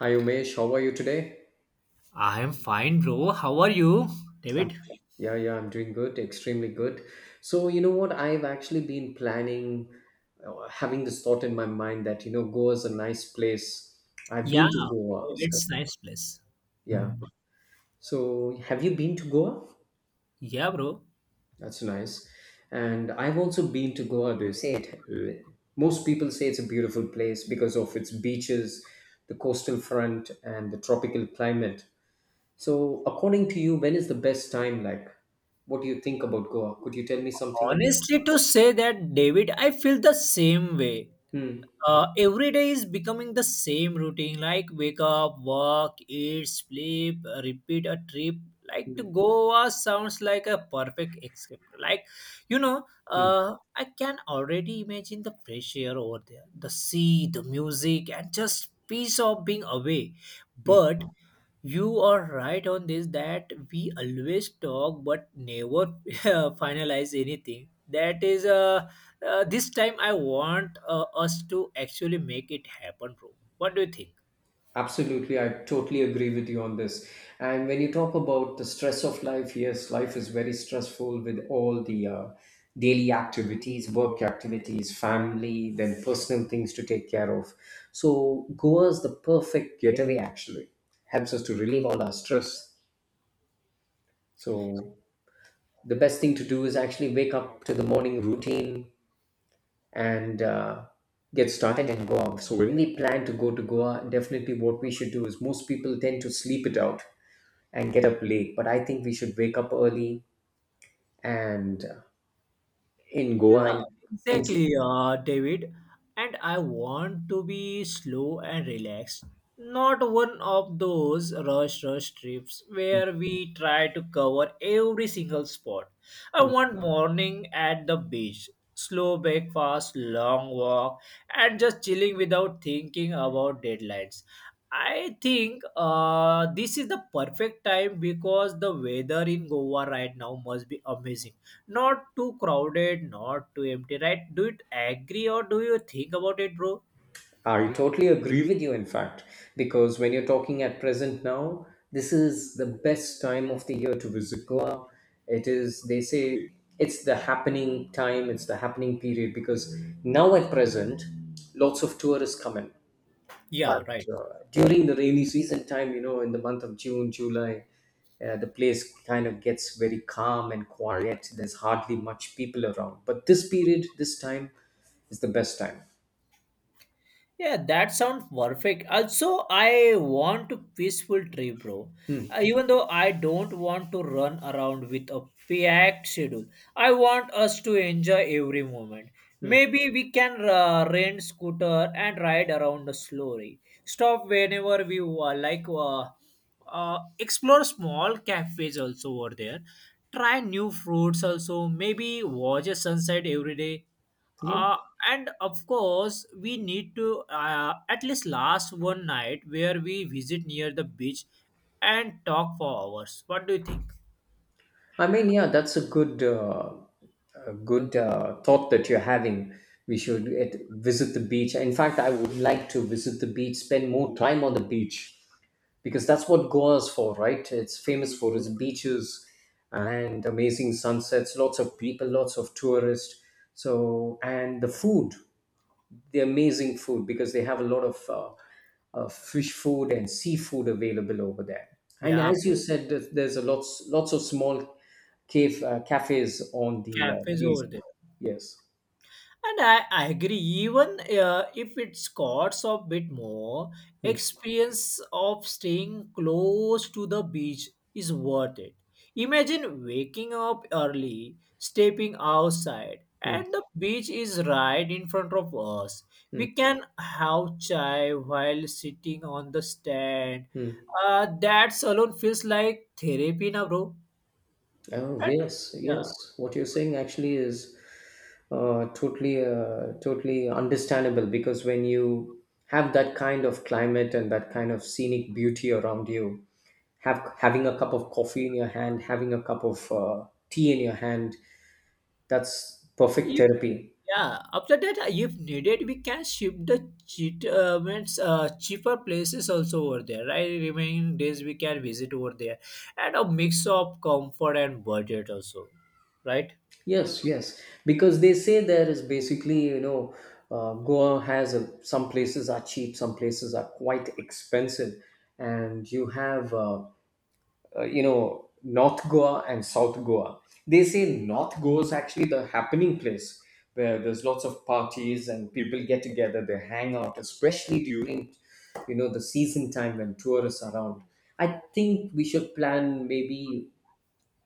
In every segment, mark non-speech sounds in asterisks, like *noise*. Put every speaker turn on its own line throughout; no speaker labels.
Hi Umesh, how are you today?
I am fine, bro. How are you,
I'm,
David?
yeah, yeah, I'm doing good, extremely good. So, you know what? I've actually been planning, having this thought in my mind that, Goa is a nice place. I've
Yeah,
been to
bro,
Goa. So,
it's nice place.
yeah. So, have you been to Goa?
Yeah, bro.
That's nice. And I've also been to Goa. They say it. Most people say it's a beautiful place because of its beaches, the coastal front, and the tropical climate. So, according to you, when is the best time? Like, what do you think about Goa? Could you tell me something about
Honestly, to say that, David, I feel the same way.
it? Hmm.
Every day is becoming the same routine, like wake up, work, eat, sleep, repeat a trip. Like to
Hmm.
Goa sounds like a perfect escape. Like, you know,
Hmm.
I can already imagine the fresh air over there, the sea, the music, and just peace of being away.
Hmm.
But you are right on this that we always talk but never *laughs* finalize anything. This time I want us to actually make it happen, bro. What do you think?
Absolutely, I totally agree with you on this. And when you talk about the stress of life, yes, life is very stressful with all the daily activities, work activities, family, then personal things to take care of. So, Goa is the perfect getaway actually. Helps us to relieve all our stress. So, the best thing to do is actually wake up to the morning routine, and get started and go out. So when we plan to go to Goa, definitely what we should do is most people tend to sleep it out and get up late, but I think we should wake up early and in Goa
Yeah,
and enjoy.
exactly, David. And I want to be slow and relaxed, not one of those rush rush trips where we try to cover every single spot. I
Hmm.
want morning at the beach, slow breakfast, long walk, and just chilling without thinking about deadlines. I think this is the perfect time because the weather in Goa right now must be amazing, not too crowded, not too empty, right? Do you agree or do you think about it, bro?
I totally agree with you, in fact, because when you're talking at present now, this is the best time of the year to visit Goa. It is, they say, it's the happening time, it's the happening period because now at present, lots of tourists come in.
Yeah,
But
right.
during the rainy season time, in the month of June, July, the place kind of gets very calm and quiet. There's hardly much people around. But this period, this time, is the best time.
Yeah, that sounds perfect. Also, I want a peaceful trip, bro. Even though I don't want to run around with a packed schedule, I want us to enjoy every moment.
Hmm.
Maybe we can rent scooter and ride around slowly. Stop whenever like. Explore small cafes also over there. Try new fruits also. Maybe watch a sunset every day,
Yeah.
uh, and of course we need to at least last one night where we visit near the beach and talk for hours. What do you think?
I mean, yeah, that's a good thought that you're having. We should visit the beach. In fact, I would like to visit the beach, spend more time on the beach because that's what Goa is for, right? It's famous for its beaches and amazing sunsets, lots of people, lots of tourists. So, and the food, the amazing food, because they have a lot of fish food and seafood available over there. And
Yeah,
as you
bro.
said, there's a lots of small cave cafes on the
Cafes
beach.
over there.
Yes.
And I agree, even if it's costs a bit more,
Hmm,
experience of staying close to the beach is worth it. Imagine waking up early, stepping outside,
hmm,
and the beach is right in front of us.
hmm,
We can have chai while sitting on the stand.
hmm.
That alone feels like therapy, na bro.
Oh,
And,
yes,
yeah.
yes. What you're saying actually is totally understandable because when you have that kind of climate and that kind of scenic beauty around you, have having a cup of coffee in your hand, having a cup of tea in your hand, that's perfect therapy.
Yeah, after that, if needed, we can ship the cheat, means, cheaper places also over there, right? Remaining days we can visit over there, and a mix of comfort and budget also, right?
Yes, yes, because they say there is basically, Goa has some places are cheap, some places are quite expensive, and you have. North Goa and South Goa, they say North Goa is actually the happening place where there's lots of parties and people get together, they hang out, especially during the season time when tourists are around. I think we should plan maybe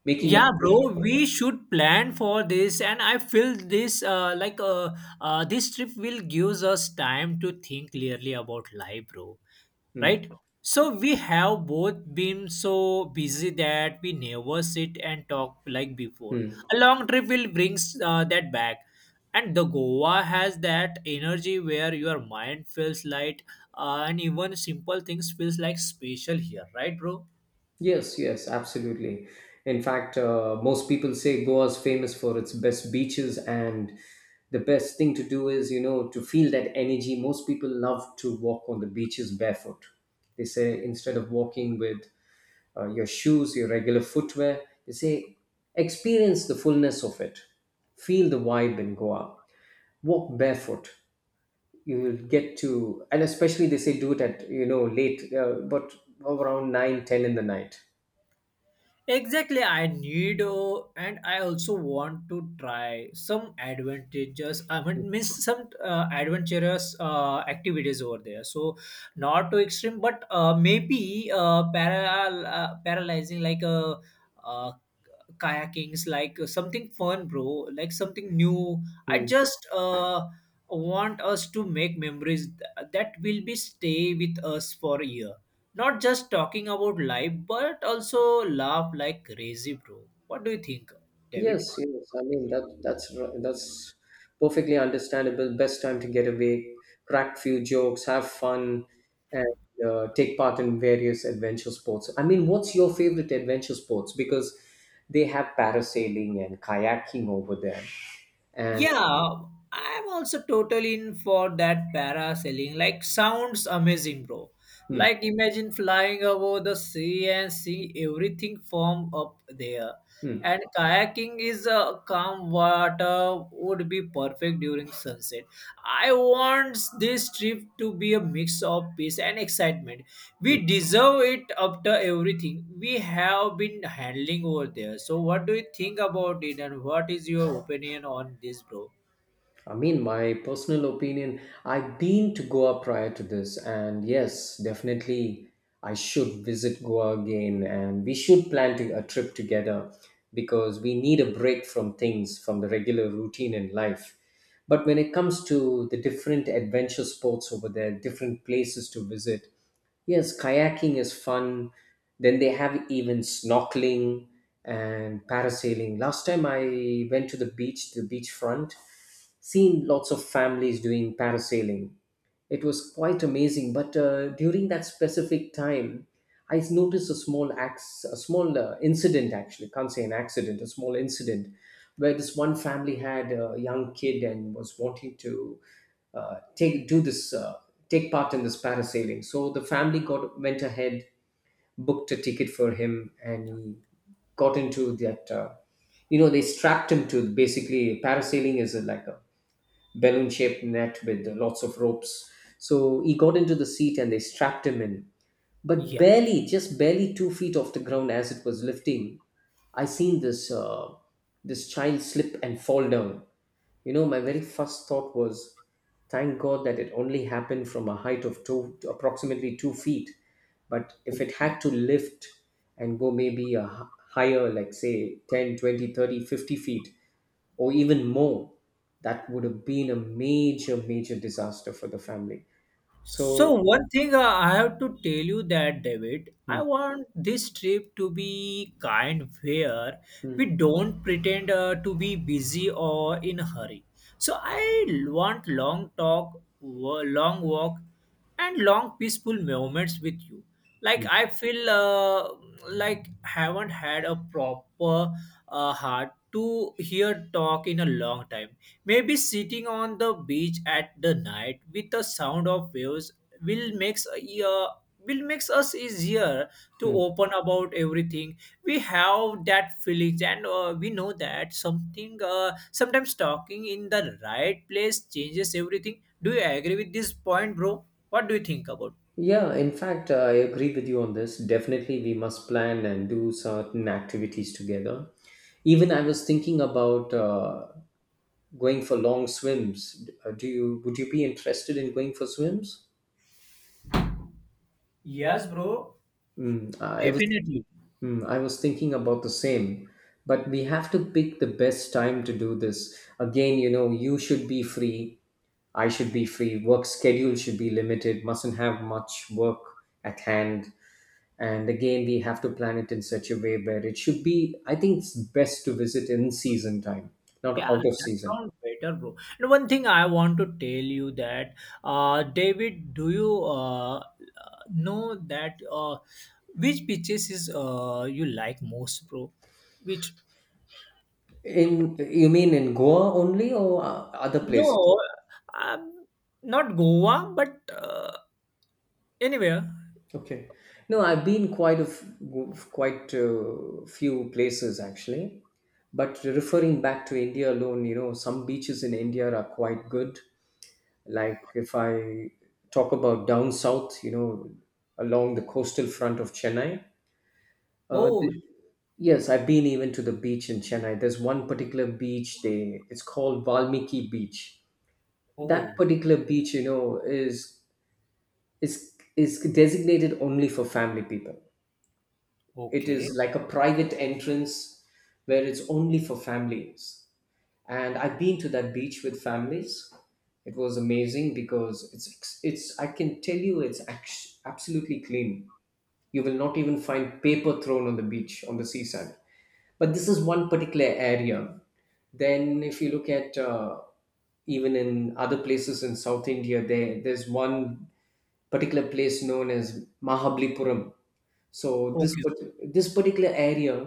making a
Yeah,
trip.
bro, we should plan for this, and I feel this this trip will gives us time to think clearly about life, bro.
Hmm,
Right? So we have both been so busy that we never sit and talk like before.
hmm.
A long trip will brings that back, and the Goa has that energy where your mind feels light, and even simple things feels like special here, right, bro?
Yes, yes, absolutely. In fact, most people say Goa is famous for its best beaches, and the best thing to do is, to feel that energy. Most people love to walk on the beaches barefoot. They say instead of walking with your shoes, your regular footwear, they say experience the fullness of it. Feel the vibe in Goa. Walk barefoot. You will get to, and especially they say do it at, late, but around 9, 10 in the night.
Exactly, I need and I also want to try some advantages. I mean, means some adventurous activities over there. So not too extreme, but maybe paralyzing like a uh, kayakings, like something fun, bro, like something new. I
Hmm.
just want us to make memories that will be stay with us for a year. Not just talking about life, but also laugh like crazy, bro. What do you think, David?
Yes, yes. I mean that's perfectly understandable. Best time to get away, crack few jokes, have fun, and take part in various adventure sports. I mean, what's your favorite adventure sports? Because they have parasailing and kayaking over there, and
Yeah, I'm also totally in for that parasailing. Like, sounds amazing, bro.
hmm,
Like, imagine flying over the sea and see everything form up there.
hmm.
And kayaking is a calm water would be perfect during sunset. I want this trip to be a mix of peace and excitement. We deserve it after everything we have been handling over there. So, what do you think about it, and what is your opinion on this, bro?
I mean, my personal opinion, I have been to Goa prior to this, and yes, definitely I should visit Goa again, and we should plan a trip together because we need a break from things, from the regular routine in life. But when it comes to the different adventure sports over there, different places to visit, yes, kayaking is fun. Then they have even snorkeling and parasailing. Last time I went to the beach, the beachfront, seen lots of families doing parasailing. It was quite amazing. But during that specific time, I noticed a small incident actually. Can't say an accident, a small incident, where this one family had a young kid and was wanting to uh, take do this uh, take part in this parasailing. So the family got went ahead, booked a ticket for him, and he got into that. They strapped him to, basically parasailing is like a balloon shaped net with lots of ropes. So he got into the seat and they strapped him in. But
Yeah,
barely, just barely 2 feet off the ground as it was lifting, I seen this child slip and fall down. You know, my very first thought was, thank God that it only happened from a height of approximately 2 feet. But if it
okay.
had to lift and go maybe a higher, like say 10, 20, 30, 50 feet, or even more, that would have been a major major disaster for the family,
So
so.
one thing I have to tell you that David,
Hmm,
I want this trip to be kind where
hmm,
we don't pretend to be busy or in a hurry. So I want long talk, long walk, and long peaceful moments with you. Like
hmm,
I feel like haven't had a proper heart to hear talk in a long time. Maybe sitting on the beach at the night with the sound of waves will makes uh, will makes us easier to
hmm.
open about everything. We have that feelings, and we know that something sometimes talking in the right place changes everything. Do you agree with this point, bro? What do you think about?
Yeah, in fact, I agree with you on this. Definitely we must plan and do certain activities together. Even I was thinking about going for long swims. Do you would you be interested in going for swims?
Yes, bro.
Mm, I was.
Definitely.
Hmm, I was thinking about the same, but we have to pick the best time to do this. Again, you should be free. I should be free. Work schedule should be limited, mustn't have much work at hand. And again, we have to plan it in such a way where it should be, I think it's best to visit in season time, not
Yeah,
out of
that
season.
sounds better, bro. And one thing I want to tell you that, David, do you know that which pitches is you like most, bro? Which
In you mean in Goa only or other places?
No, um, not Goa, but anywhere.
Okay. No, I've been quite a few places actually. But referring back to India alone, some beaches in India are quite good. Like if I talk about down south, along the coastal front of Chennai. Uh,
Oh,
th- yes, I've been even to the beach in Chennai. There's one particular beach. They it's called Valmiki Beach. That
oh,
particular beach, is designated only for family people. It
okay,
is like a private entrance where it's only for families. And I've been to that beach with families. It was amazing because it's I can tell you it's absolutely clean. You will not even find paper thrown on the beach on the seaside. But this is one particular area. Then if you look at even in other places in South India, there's one particular place known as Mahabalipuram. So
okay,
this particular area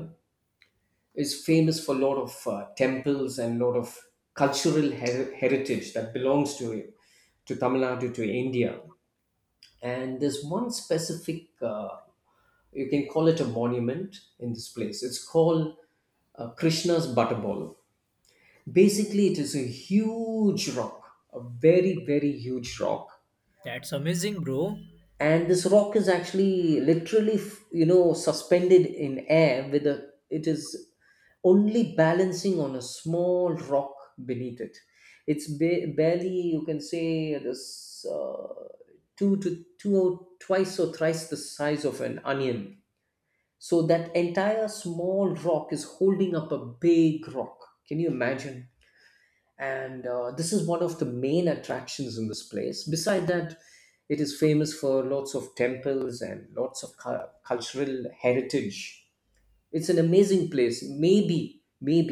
is famous for a lot of temples and a lot of cultural heritage that belongs to Tamil Nadu, to India. And there's one specific, you can call it a monument in this place. It's called Krishna's Butterball. Basically, it is a huge rock, a very very huge rock,
that's amazing, bro.
and this rock is actually literally suspended in air with a it is only balancing on a small rock beneath it. It's barely, you can say this, two to two or twice or thrice the size of an onion. So that entire small rock is holding up a big rock, can you imagine? And this is one of the main attractions in this place. Beside that, it is famous for lots of temples and lots of cultural heritage. It's an amazing place, maybe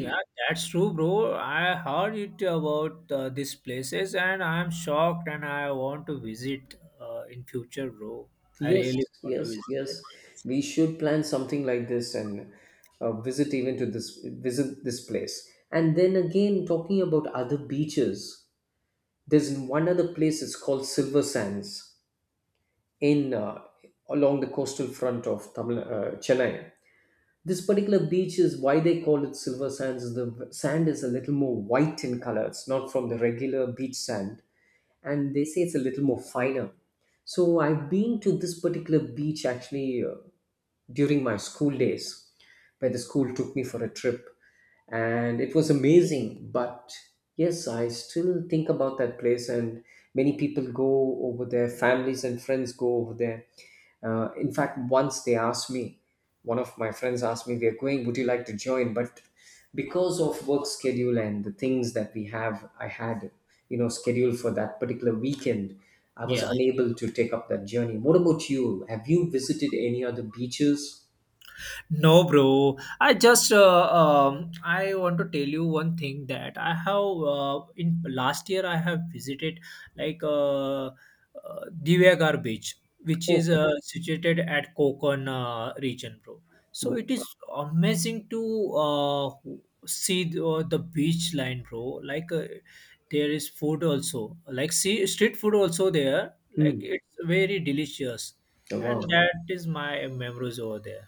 Yeah, that's true, bro. I heard it about these places, and I'm shocked, and I want to visit in future, bro. I
Yes,
really want to
yes,
visit.
yes,
That.
we should plan something like this and visit this place. And then again, talking about other beaches, there's one other place, it's called Silver Sands, in along the coastal front of Chennai. This particular beach is why they call it Silver Sands. Is The sand is a little more white in color. It's not from the regular beach sand, and they say it's a little more finer. So I've been to this particular beach actually during my school days, where the school took me for a trip, and it was amazing. But yes, I still think about that place, and many people go over there. Families and friends go over there. In fact, once they asked me one of my friends asked me, we're going, would you like to join? But because of work schedule and the things that we have, I had, you know, scheduled for that particular weekend, I was
Yeah.
unable to take up that journey. What about you? Have you visited any other beaches?
No, bro. I just I want to tell you one thing that I have in last year I have visited like Divyagar Beach, which is
Okay.
situated at Kokon region, bro. So it is amazing to see the beach line, bro. Like there is food also, like see street food also there. Like
Hmm.
it's very delicious,
Oh,
and
wow,
that is my memories over there.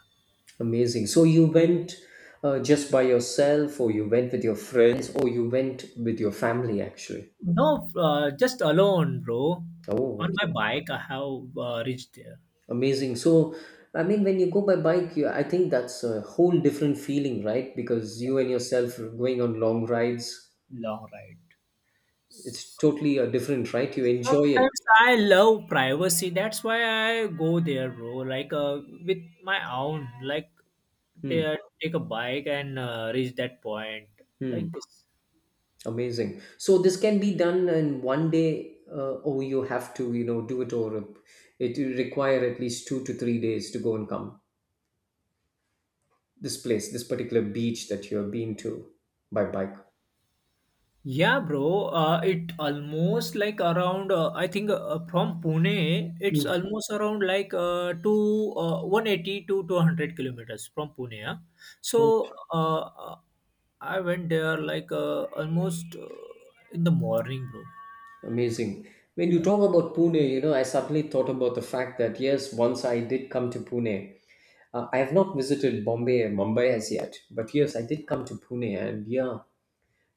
amazing. So you went just by yourself, or you went with your friends, or you went with your family actually?
No, just alone, bro.
Oh,
On my
okay.
bike, I have reached there.
Amazing. So, I mean, when you go by bike, I think that's a whole different feeling, right? Because you and yourself are going on long rides,
Long ride.
it's totally a different, right? You enjoy it.
Sometimes I love privacy. That's why I go there, bro. Like with my own, like
Hmm.
take a bike and reach that point,
Hmm.
like this.
Amazing. So this can be done in 1 day, or you have to, you know, do it over. It will require at least 2 to 3 days to go and come. This place, this particular beach that you have been to by bike.
Yeah, bro. It almost like around. I think from Pune, it's
Hmm.
almost around like to 180 to 200 kilometers from Pune. Yeah? So I went there like almost in the morning, bro.
Amazing. When you
Yeah.
talk about Pune, you know, I suddenly thought about the fact that yes, once I did come to Pune. I have not visited Bombay and Mumbai as yet, but yes, I did come to Pune, and yeah,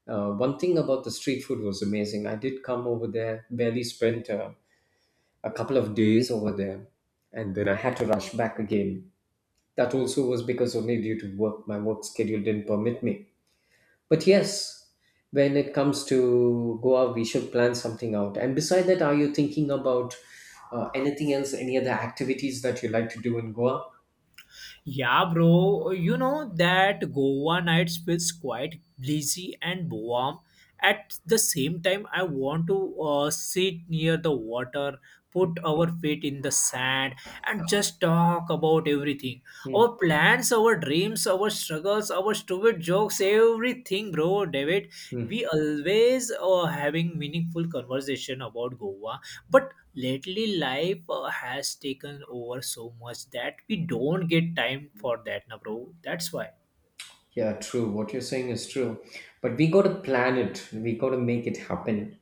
one thing about the street food was amazing. I did come over there, barely spent a couple of days over there, and then I had to rush back again. That also was because only due to work, my work schedule didn't permit me. But yes, when it comes to Goa, we should plan something out. And beside that, are you thinking about anything else, any other activities that you like to do in Goa?
Yeah, bro. You know that Goa nights feels quite breezy and warm. At the same time, I want to sit near the water, put our feet in the sand, and just talk about everything.
Hmm.
Our plans, our dreams, our struggles, our stupid jokes, everything, bro. David,
Hmm.
we always having meaningful conversation about Goa. But lately, life has taken over so much that we don't get time for that, na, bro. That's why.
Yeah, true. What you're saying is true. But we got to plan it, we got to make it happen.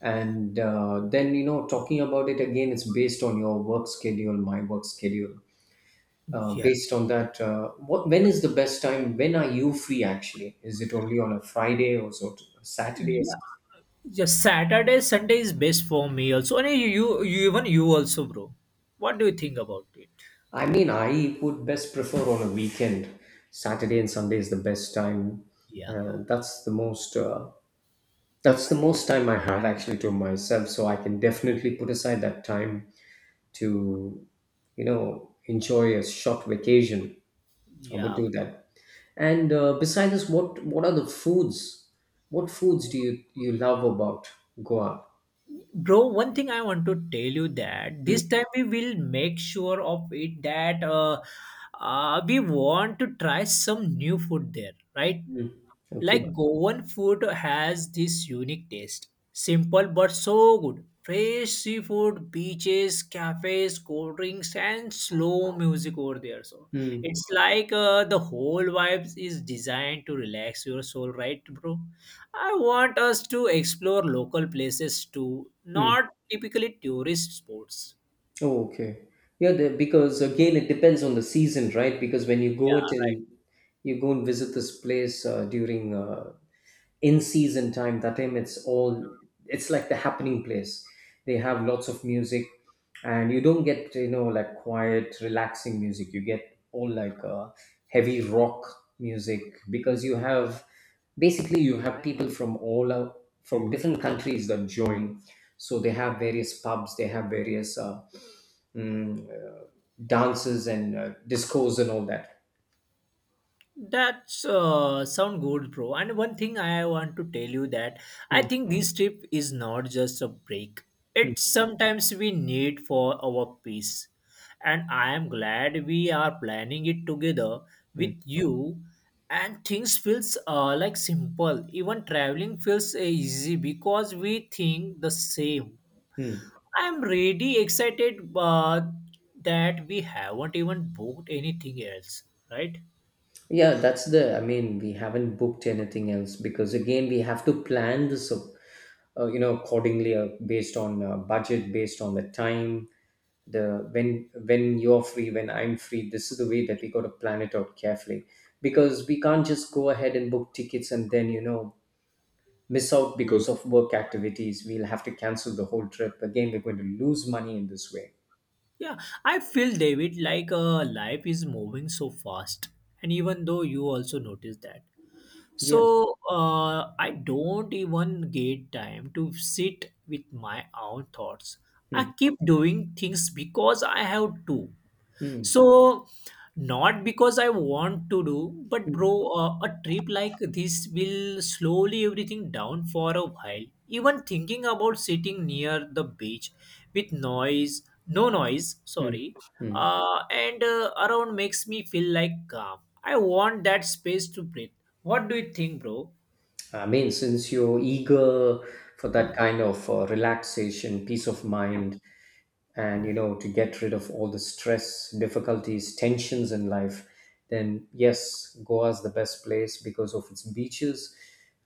And then, you know, talking about it again, it's based on your work schedule, my work schedule.
Yeah.
Based on that, when is the best time? When are you free actually? Is it only on a Friday or so, Saturday?
Yeah. Yeah. Saturday, Sunday is best for me also. And even you also, bro. What do you think about it?
I mean, I would best prefer on a weekend. Saturday and Sunday is the best time.
Yeah.
Uh, that's the most. Uh, that's the most time I had actually to myself. So I can definitely put aside that time to, you know, enjoy a short vacation. I would
Yeah.
do that. And besides this, what are the foods? What foods do you love about Goa?
Bro, one thing I want to tell you that this
Mm.
time we will make sure of it that we want to try some new food there, right?
Mm. Okay.
Like Goan food has this unique taste. Simple but so good. Fresh seafood, beaches, cafes, cold drinks, and slow music over there. So
Mm-hmm.
it's like the whole vibes is designed to relax your soul, right, bro? I want us to explore local places too, not typically tourist spots.
Oh, okay. Yeah, the, because again, it depends on the season, right? Because when
Yeah,
you go and visit this place during in season time. That time, it's all, it's like the happening place. They have lots of music, and you don't get, you know, like quiet, relaxing music. You get all like heavy rock music, because you have, basically you have people from all out, from different countries that join, so they have various pubs, they have various mm, uh, dances and discos and all that.
that's sound good, bro. And one thing I want to tell you that I
Hmm,
think this trip is not just a break. It's
hmm,
sometimes we need for our peace. And I am glad we are planning it together
hmm,
with you. And things feels like simple. Even traveling feels easy because we think the same.
hmm.
I'm really excited that we haven't even booked anything else, right?
Yeah, that's the. I mean, we haven't booked anything else because again, we have to plan this, you know, accordingly, based on budget, based on the time, the when you're free, when I'm free. This is the way that we got to plan it out carefully, because we can't just go ahead and book tickets and then, you know, miss out because of work activities. We'll have to cancel the whole trip. Again, we're going to lose money in this way.
Yeah, I feel David like life is moving so fast, and even though you also notice that.
Yes.
So I don't even get time to sit with my own thoughts.
Hmm.
I keep doing things because I have to.
Hmm.
So, not because I want to do, but
Hmm.
bro, a trip like this will slowly everything down for a while. Even thinking about sitting near the beach with noise, no noise,
Hmm.
sorry,
Hmm.
and around makes me feel like calm. I want that space to breathe. What do you think, bro?
I mean, since you're eager for that kind of relaxation, peace of mind, and you know, to get rid of all the stress, difficulties, tensions in life, then yes, Goa's the best place because of its beaches.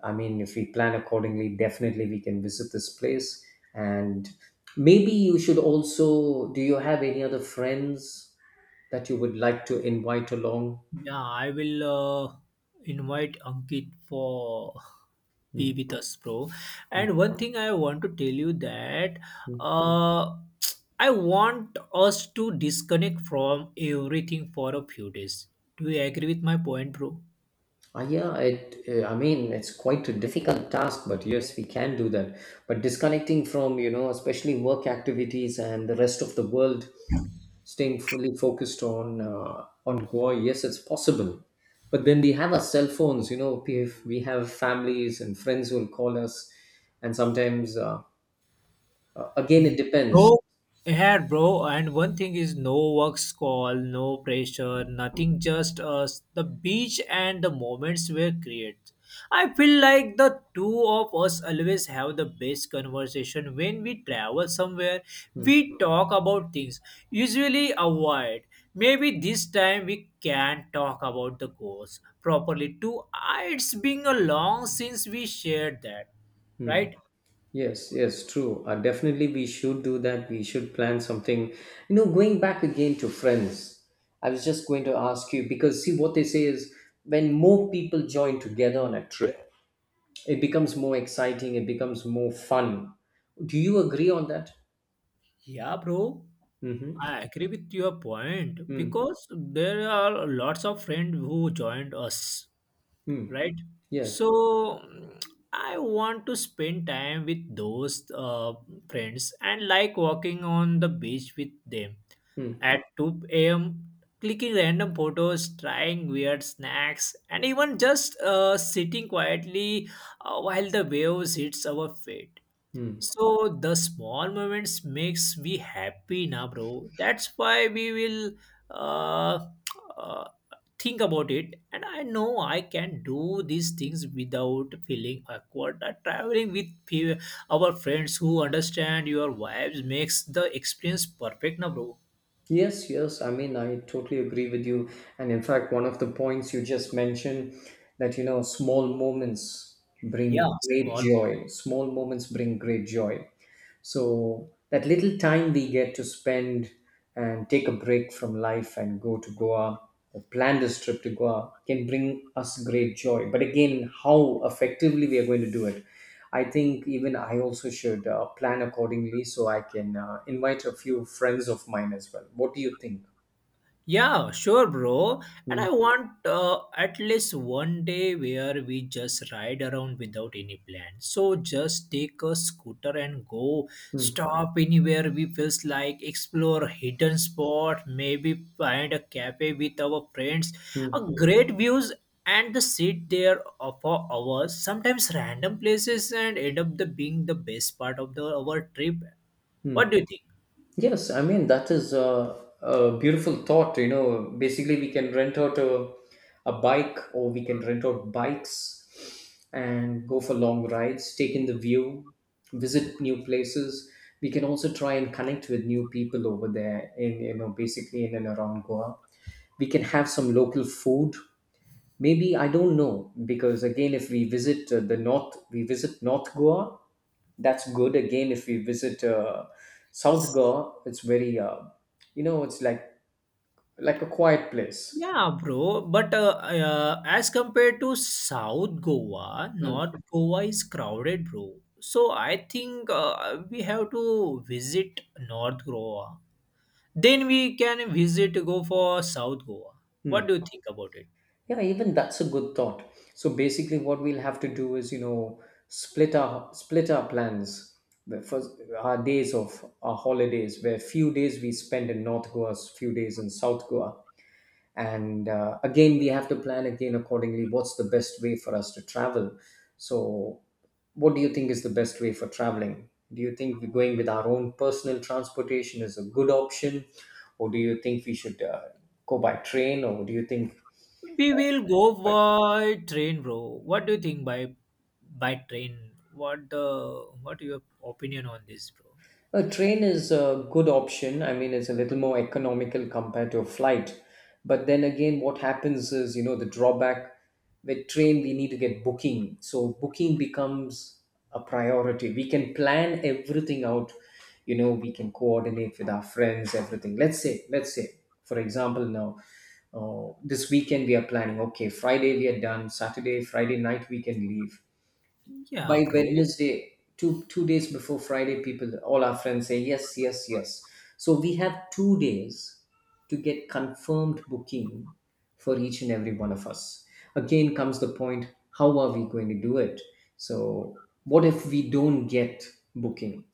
I mean, if we plan accordingly, definitely we can visit this place. And maybe you should also, do you have any other friends that you would like to invite along?
Yeah, I will uh, invite Ankit for
Hmm.
be with us, bro. And one thing I want to tell you that uh, I want us to disconnect from everything for a few days. Do you agree with my point, bro?
Yeah, it. I mean, it's quite a difficult task, but yes, we can do that. But disconnecting from, you know, especially work activities and the rest of the world, staying fully focused on Goa, yes, it's possible. But then we have our cell phones. You know, we have families and friends who will call us, and sometimes, again, it depends.
Bro, yeah, bro. And one thing is no work call, no pressure, nothing. Just us, the beach and the moments we create. I feel like the two of us always have the best conversation when we travel somewhere. We talk about things usually avoid. Maybe this time we can talk about the goals properly too. Ah, it's been a long since we shared that, right?
Yes, yes, true. Definitely, we should do that. We should plan something. You know, going back again to friends, I was just going to ask you because, see, what they say is, when more people join together on a trip, it becomes more exciting, it becomes more fun. Do you agree on that?
Yeah, bro.
Mm-hmm.
I agree with your point because there are lots of friends who joined us,
Mm-hmm.
right?
Yes.
So I want to spend time with those friends and like walking on the beach with them
Mm-hmm.
at 2 a.m., clicking random photos, trying weird snacks, and even just sitting quietly while the waves hits our feet. So the small moments makes me happy now, bro. That's why we will uh, uh, think about it. And I know I can do these things without feeling awkward. Traveling with our friends who understand your vibes makes the experience perfect now, bro.
Yes, yes. I mean, I totally agree with you. And in fact, one of the points you just mentioned, that, you know, small moments
Yeah,
bring great
small
joy.
moments.
Small moments bring great joy. So that little time we get to spend and take a break from life and go to Goa or plan this trip to Goa can bring us great joy. But again, how effectively we are going to do it. I think even I also should plan accordingly, so I can invite a few friends of mine as well. What do you think?
Yeah, sure, bro. And
Hmm,
I want at least one day where we just ride around without any plan. So just take a scooter and go.
hmm,
Stop anywhere we feels like. Explore hidden spot. Maybe find a cafe with our friends.
hmm,
A great views and the sit there for hours. Sometimes random places and end up the being the best part of the our trip.
hmm.
What do you think?
Yes, I mean that is a beautiful thought. You know, basically we can rent out a bike, or we can rent out bikes and go for long rides, take in the view, visit new places. We can also try and connect with new people over there, in you know basically in and around Goa. We can have some local food. Maybe I don't know, because again, if we visit we visit North Goa. That's good. Again, if we visit South Goa, it's very, you know, it's like a quiet place.
Yeah, bro. But as compared to South Goa,
Mm.
North Goa is crowded, bro. So I think we have to visit North Goa. Then we can visit go for South Goa.
Hmm.
What do you think about it?
Yeah, even that's a good thought. So basically, what we'll have to do is, you know, split our plans. The first our days of our holidays, where few days we spend in North Goa, few days in South Goa, and again we have to plan again accordingly what's the best way for us to travel. So what do you think is the best way for traveling? Do you think we're going with our own personal transportation is a good option, or do you think we should go by train, or do you think?
We will go by train, bro. What do you think by train? What your opinion on this, bro?
A train is a good option. I mean, it's a little more economical compared to a flight. But then again, what happens is, you know, the drawback with train, we need to get booking. So booking becomes a priority. We can plan everything out. You know, we can coordinate with our friends, everything. Let's say, for example, now, this weekend we are planning, okay, Friday we are done, Friday night we can leave
Yeah,
by
bro.
Wednesday, two days before Friday, people all our friends say yes, yes, yes. So we have 2 days to get confirmed booking for each and every one of us. Again comes the point: how are we going to do it? So what if we don't get booking?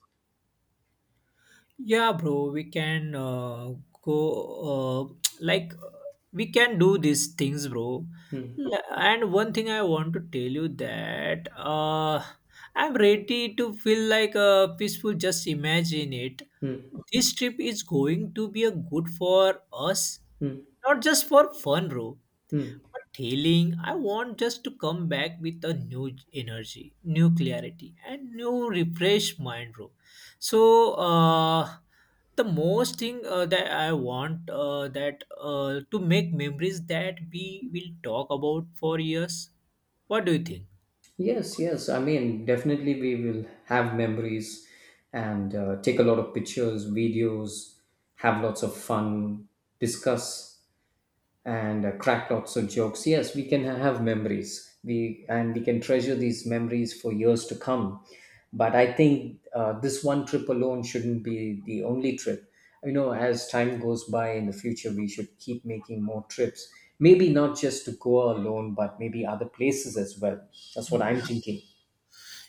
Yeah, bro, we can go *tsk* we can do these things, bro.
Hmm,
And one thing I want to tell you that I'm ready to feel like peaceful. Just imagine it.
hmm,
This trip is going to be a good for us,
hmm,
not just for fun, bro.
hmm.
But healing, I want just to come back with a new energy, new clarity, and new refreshed mind, bro. So, the most thing that I want that to make memories that we will talk about for years. What do you think?
Yes, yes. I mean, definitely we will have memories and take a lot of pictures, videos, have lots of fun, discuss, and cracked lots of jokes. Yes, we can have memories. We can treasure these memories for years to come. But I think this one trip alone shouldn't be the only trip. You know, as time goes by in the future, we should keep making more trips. Maybe not just to Goa alone, but maybe other places as well. That's what I'm thinking.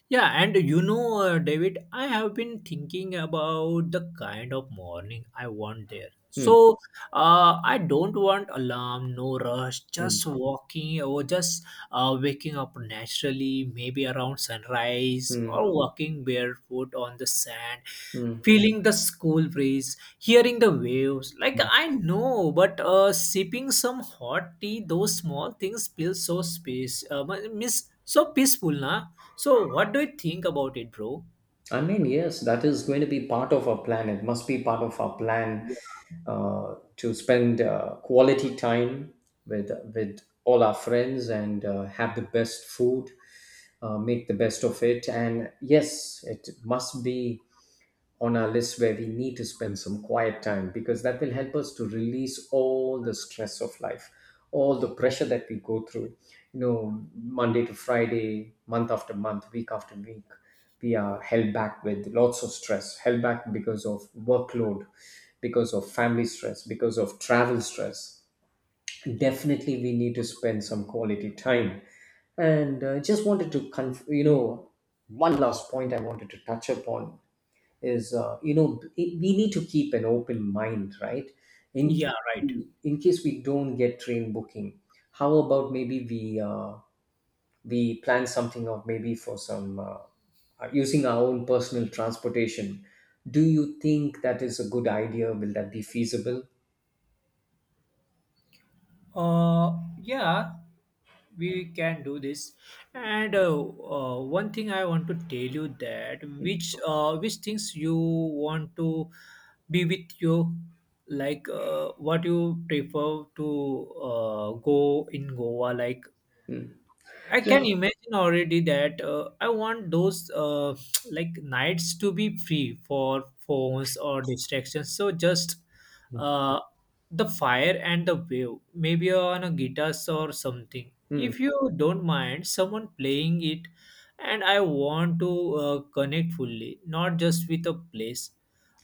Yeah, and you know, David, I have been thinking about the kind of morning I want there.
Hmm.
So, I don't want alarm, no rush,
Hmm.
just walking or just waking up naturally, maybe around sunrise
Hmm.
or walking barefoot on the sand,
Hmm.
feeling the school breeze, hearing the waves. Like,
Hmm.
I know, but sipping some hot tea, those small things feel so miss, so peaceful, na? So, what do you think about it, bro?
I mean, yes, that is going to be part of our plan. It must be part of our plan
Yeah.
to spend quality time with all our friends, and have the best food, make the best of it. And yes, it must be on our list where we need to spend some quiet time, because that will help us to release all the stress of life, all the pressure that we go through, you know, Monday to Friday, month after month, week after week. We are held back with lots of stress, held back because of workload, because of family stress, because of travel stress. Definitely we need to spend some quality time. And just wanted to you know, one last point I wanted to touch upon is, you know, we need to keep an open mind, right, in
Yeah, right.
in case we don't get train booking. How about maybe we plan something of maybe for some using our own personal transportation? Do you think that is a good idea? Will that be feasible?
Yeah, we can do this. And one thing I want to tell you that which things you want to be with you, like what you prefer to go in Goa, like
Hmm.
I
Yeah.
can imagine already that I want those *tsk* like nights to be free for phones or distractions. So just uh, the fire and the wave, maybe on a guitar or something.
Hmm.
If you don't mind, someone playing it, and I want to connect fully, not just with a place,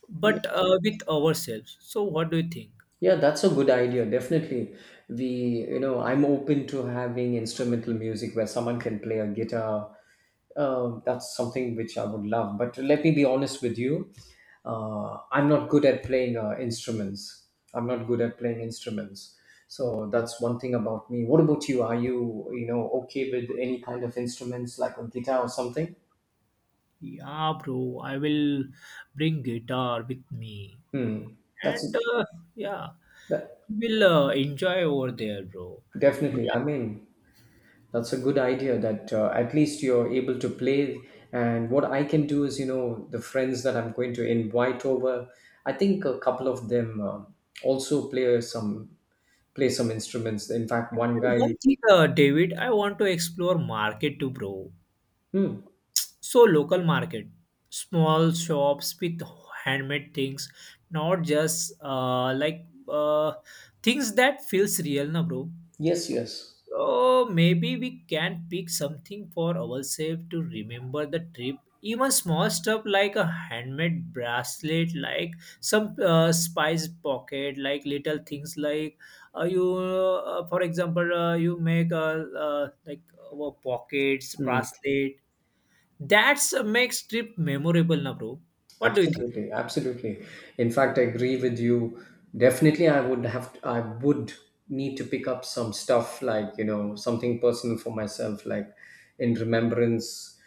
but with ourselves. So what do you think?
Yeah, that's a good idea. Definitely. We, you know, I'm open to having instrumental music where someone can play a guitar. That's something which I would love. But let me be honest with you. I'm not good at playing instruments. I'm not good at playing instruments. So that's one thing about me. What about you? Are you, you know, okay with any kind of instruments like a guitar or something?
Yeah, bro, I will bring guitar with me.
Hmm.
And
That's
yeah,
that
we'll enjoy over there, bro.
definitely. I mean, that's a good idea that at least you're able to play. And what I can do is, you know, the friends that I'm going to invite over, I think a couple of them also play some instruments. In fact, one
And
guy.
one thing David, I want to explore market too, bro.
Hmm.
So local market, small shops with handmade things, not just uh, things that feels real, na bro.
Yes. Yes.
Oh, maybe we can pick something for ourselves to remember the trip. Even small stuff like a handmade bracelet, like some spice pocket, like little things like for example, you make pockets,
Hmm.
bracelet. That's makes trip memorable, na bro. What do you think?
Absolutely, absolutely. In fact, I agree with you. Definitely, I would need to pick up some stuff like, you know, something personal for myself, like in remembrance.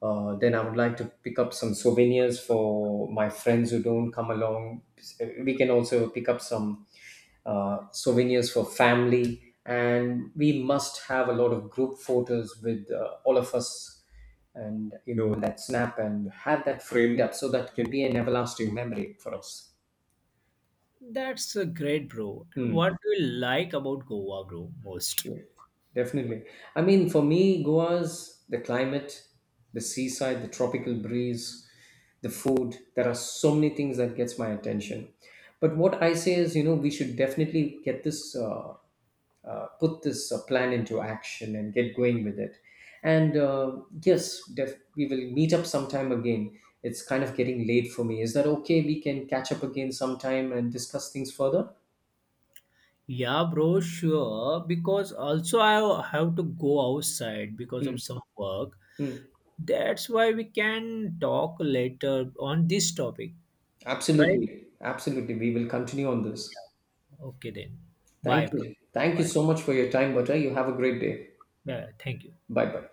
Then I would like to pick up some souvenirs for my friends who don't come along. We can also pick up some souvenirs for family. And we must have a lot of group photos with all of us, and you know that snap and have that framed up, so that can be an everlasting memory for us.
That's great, bro. And
Hmm.
what do you like about Goa, bro, most?
Sure. Definitely. I mean, for me, Goa's the climate, the seaside, the tropical breeze, the food. There are so many things that gets my attention. But what I say is, you know, we should definitely get this put this plan into action and get going with it. And yes, we will meet up sometime again. It's kind of getting late for me. Is that okay? We can catch up again sometime and discuss things further.
Yeah, bro, sure. Because also I have to go outside because
Mm,
of some work.
mm.
That's why we can talk later on this topic, right?
Absolutely. Absolutely. We will continue on this.
Okay then.
Thank
Bye, bro.
you. Thank you
Bye.
so much for your time, Butter. You have a great day.
Yeah, thank you.
Bye bye.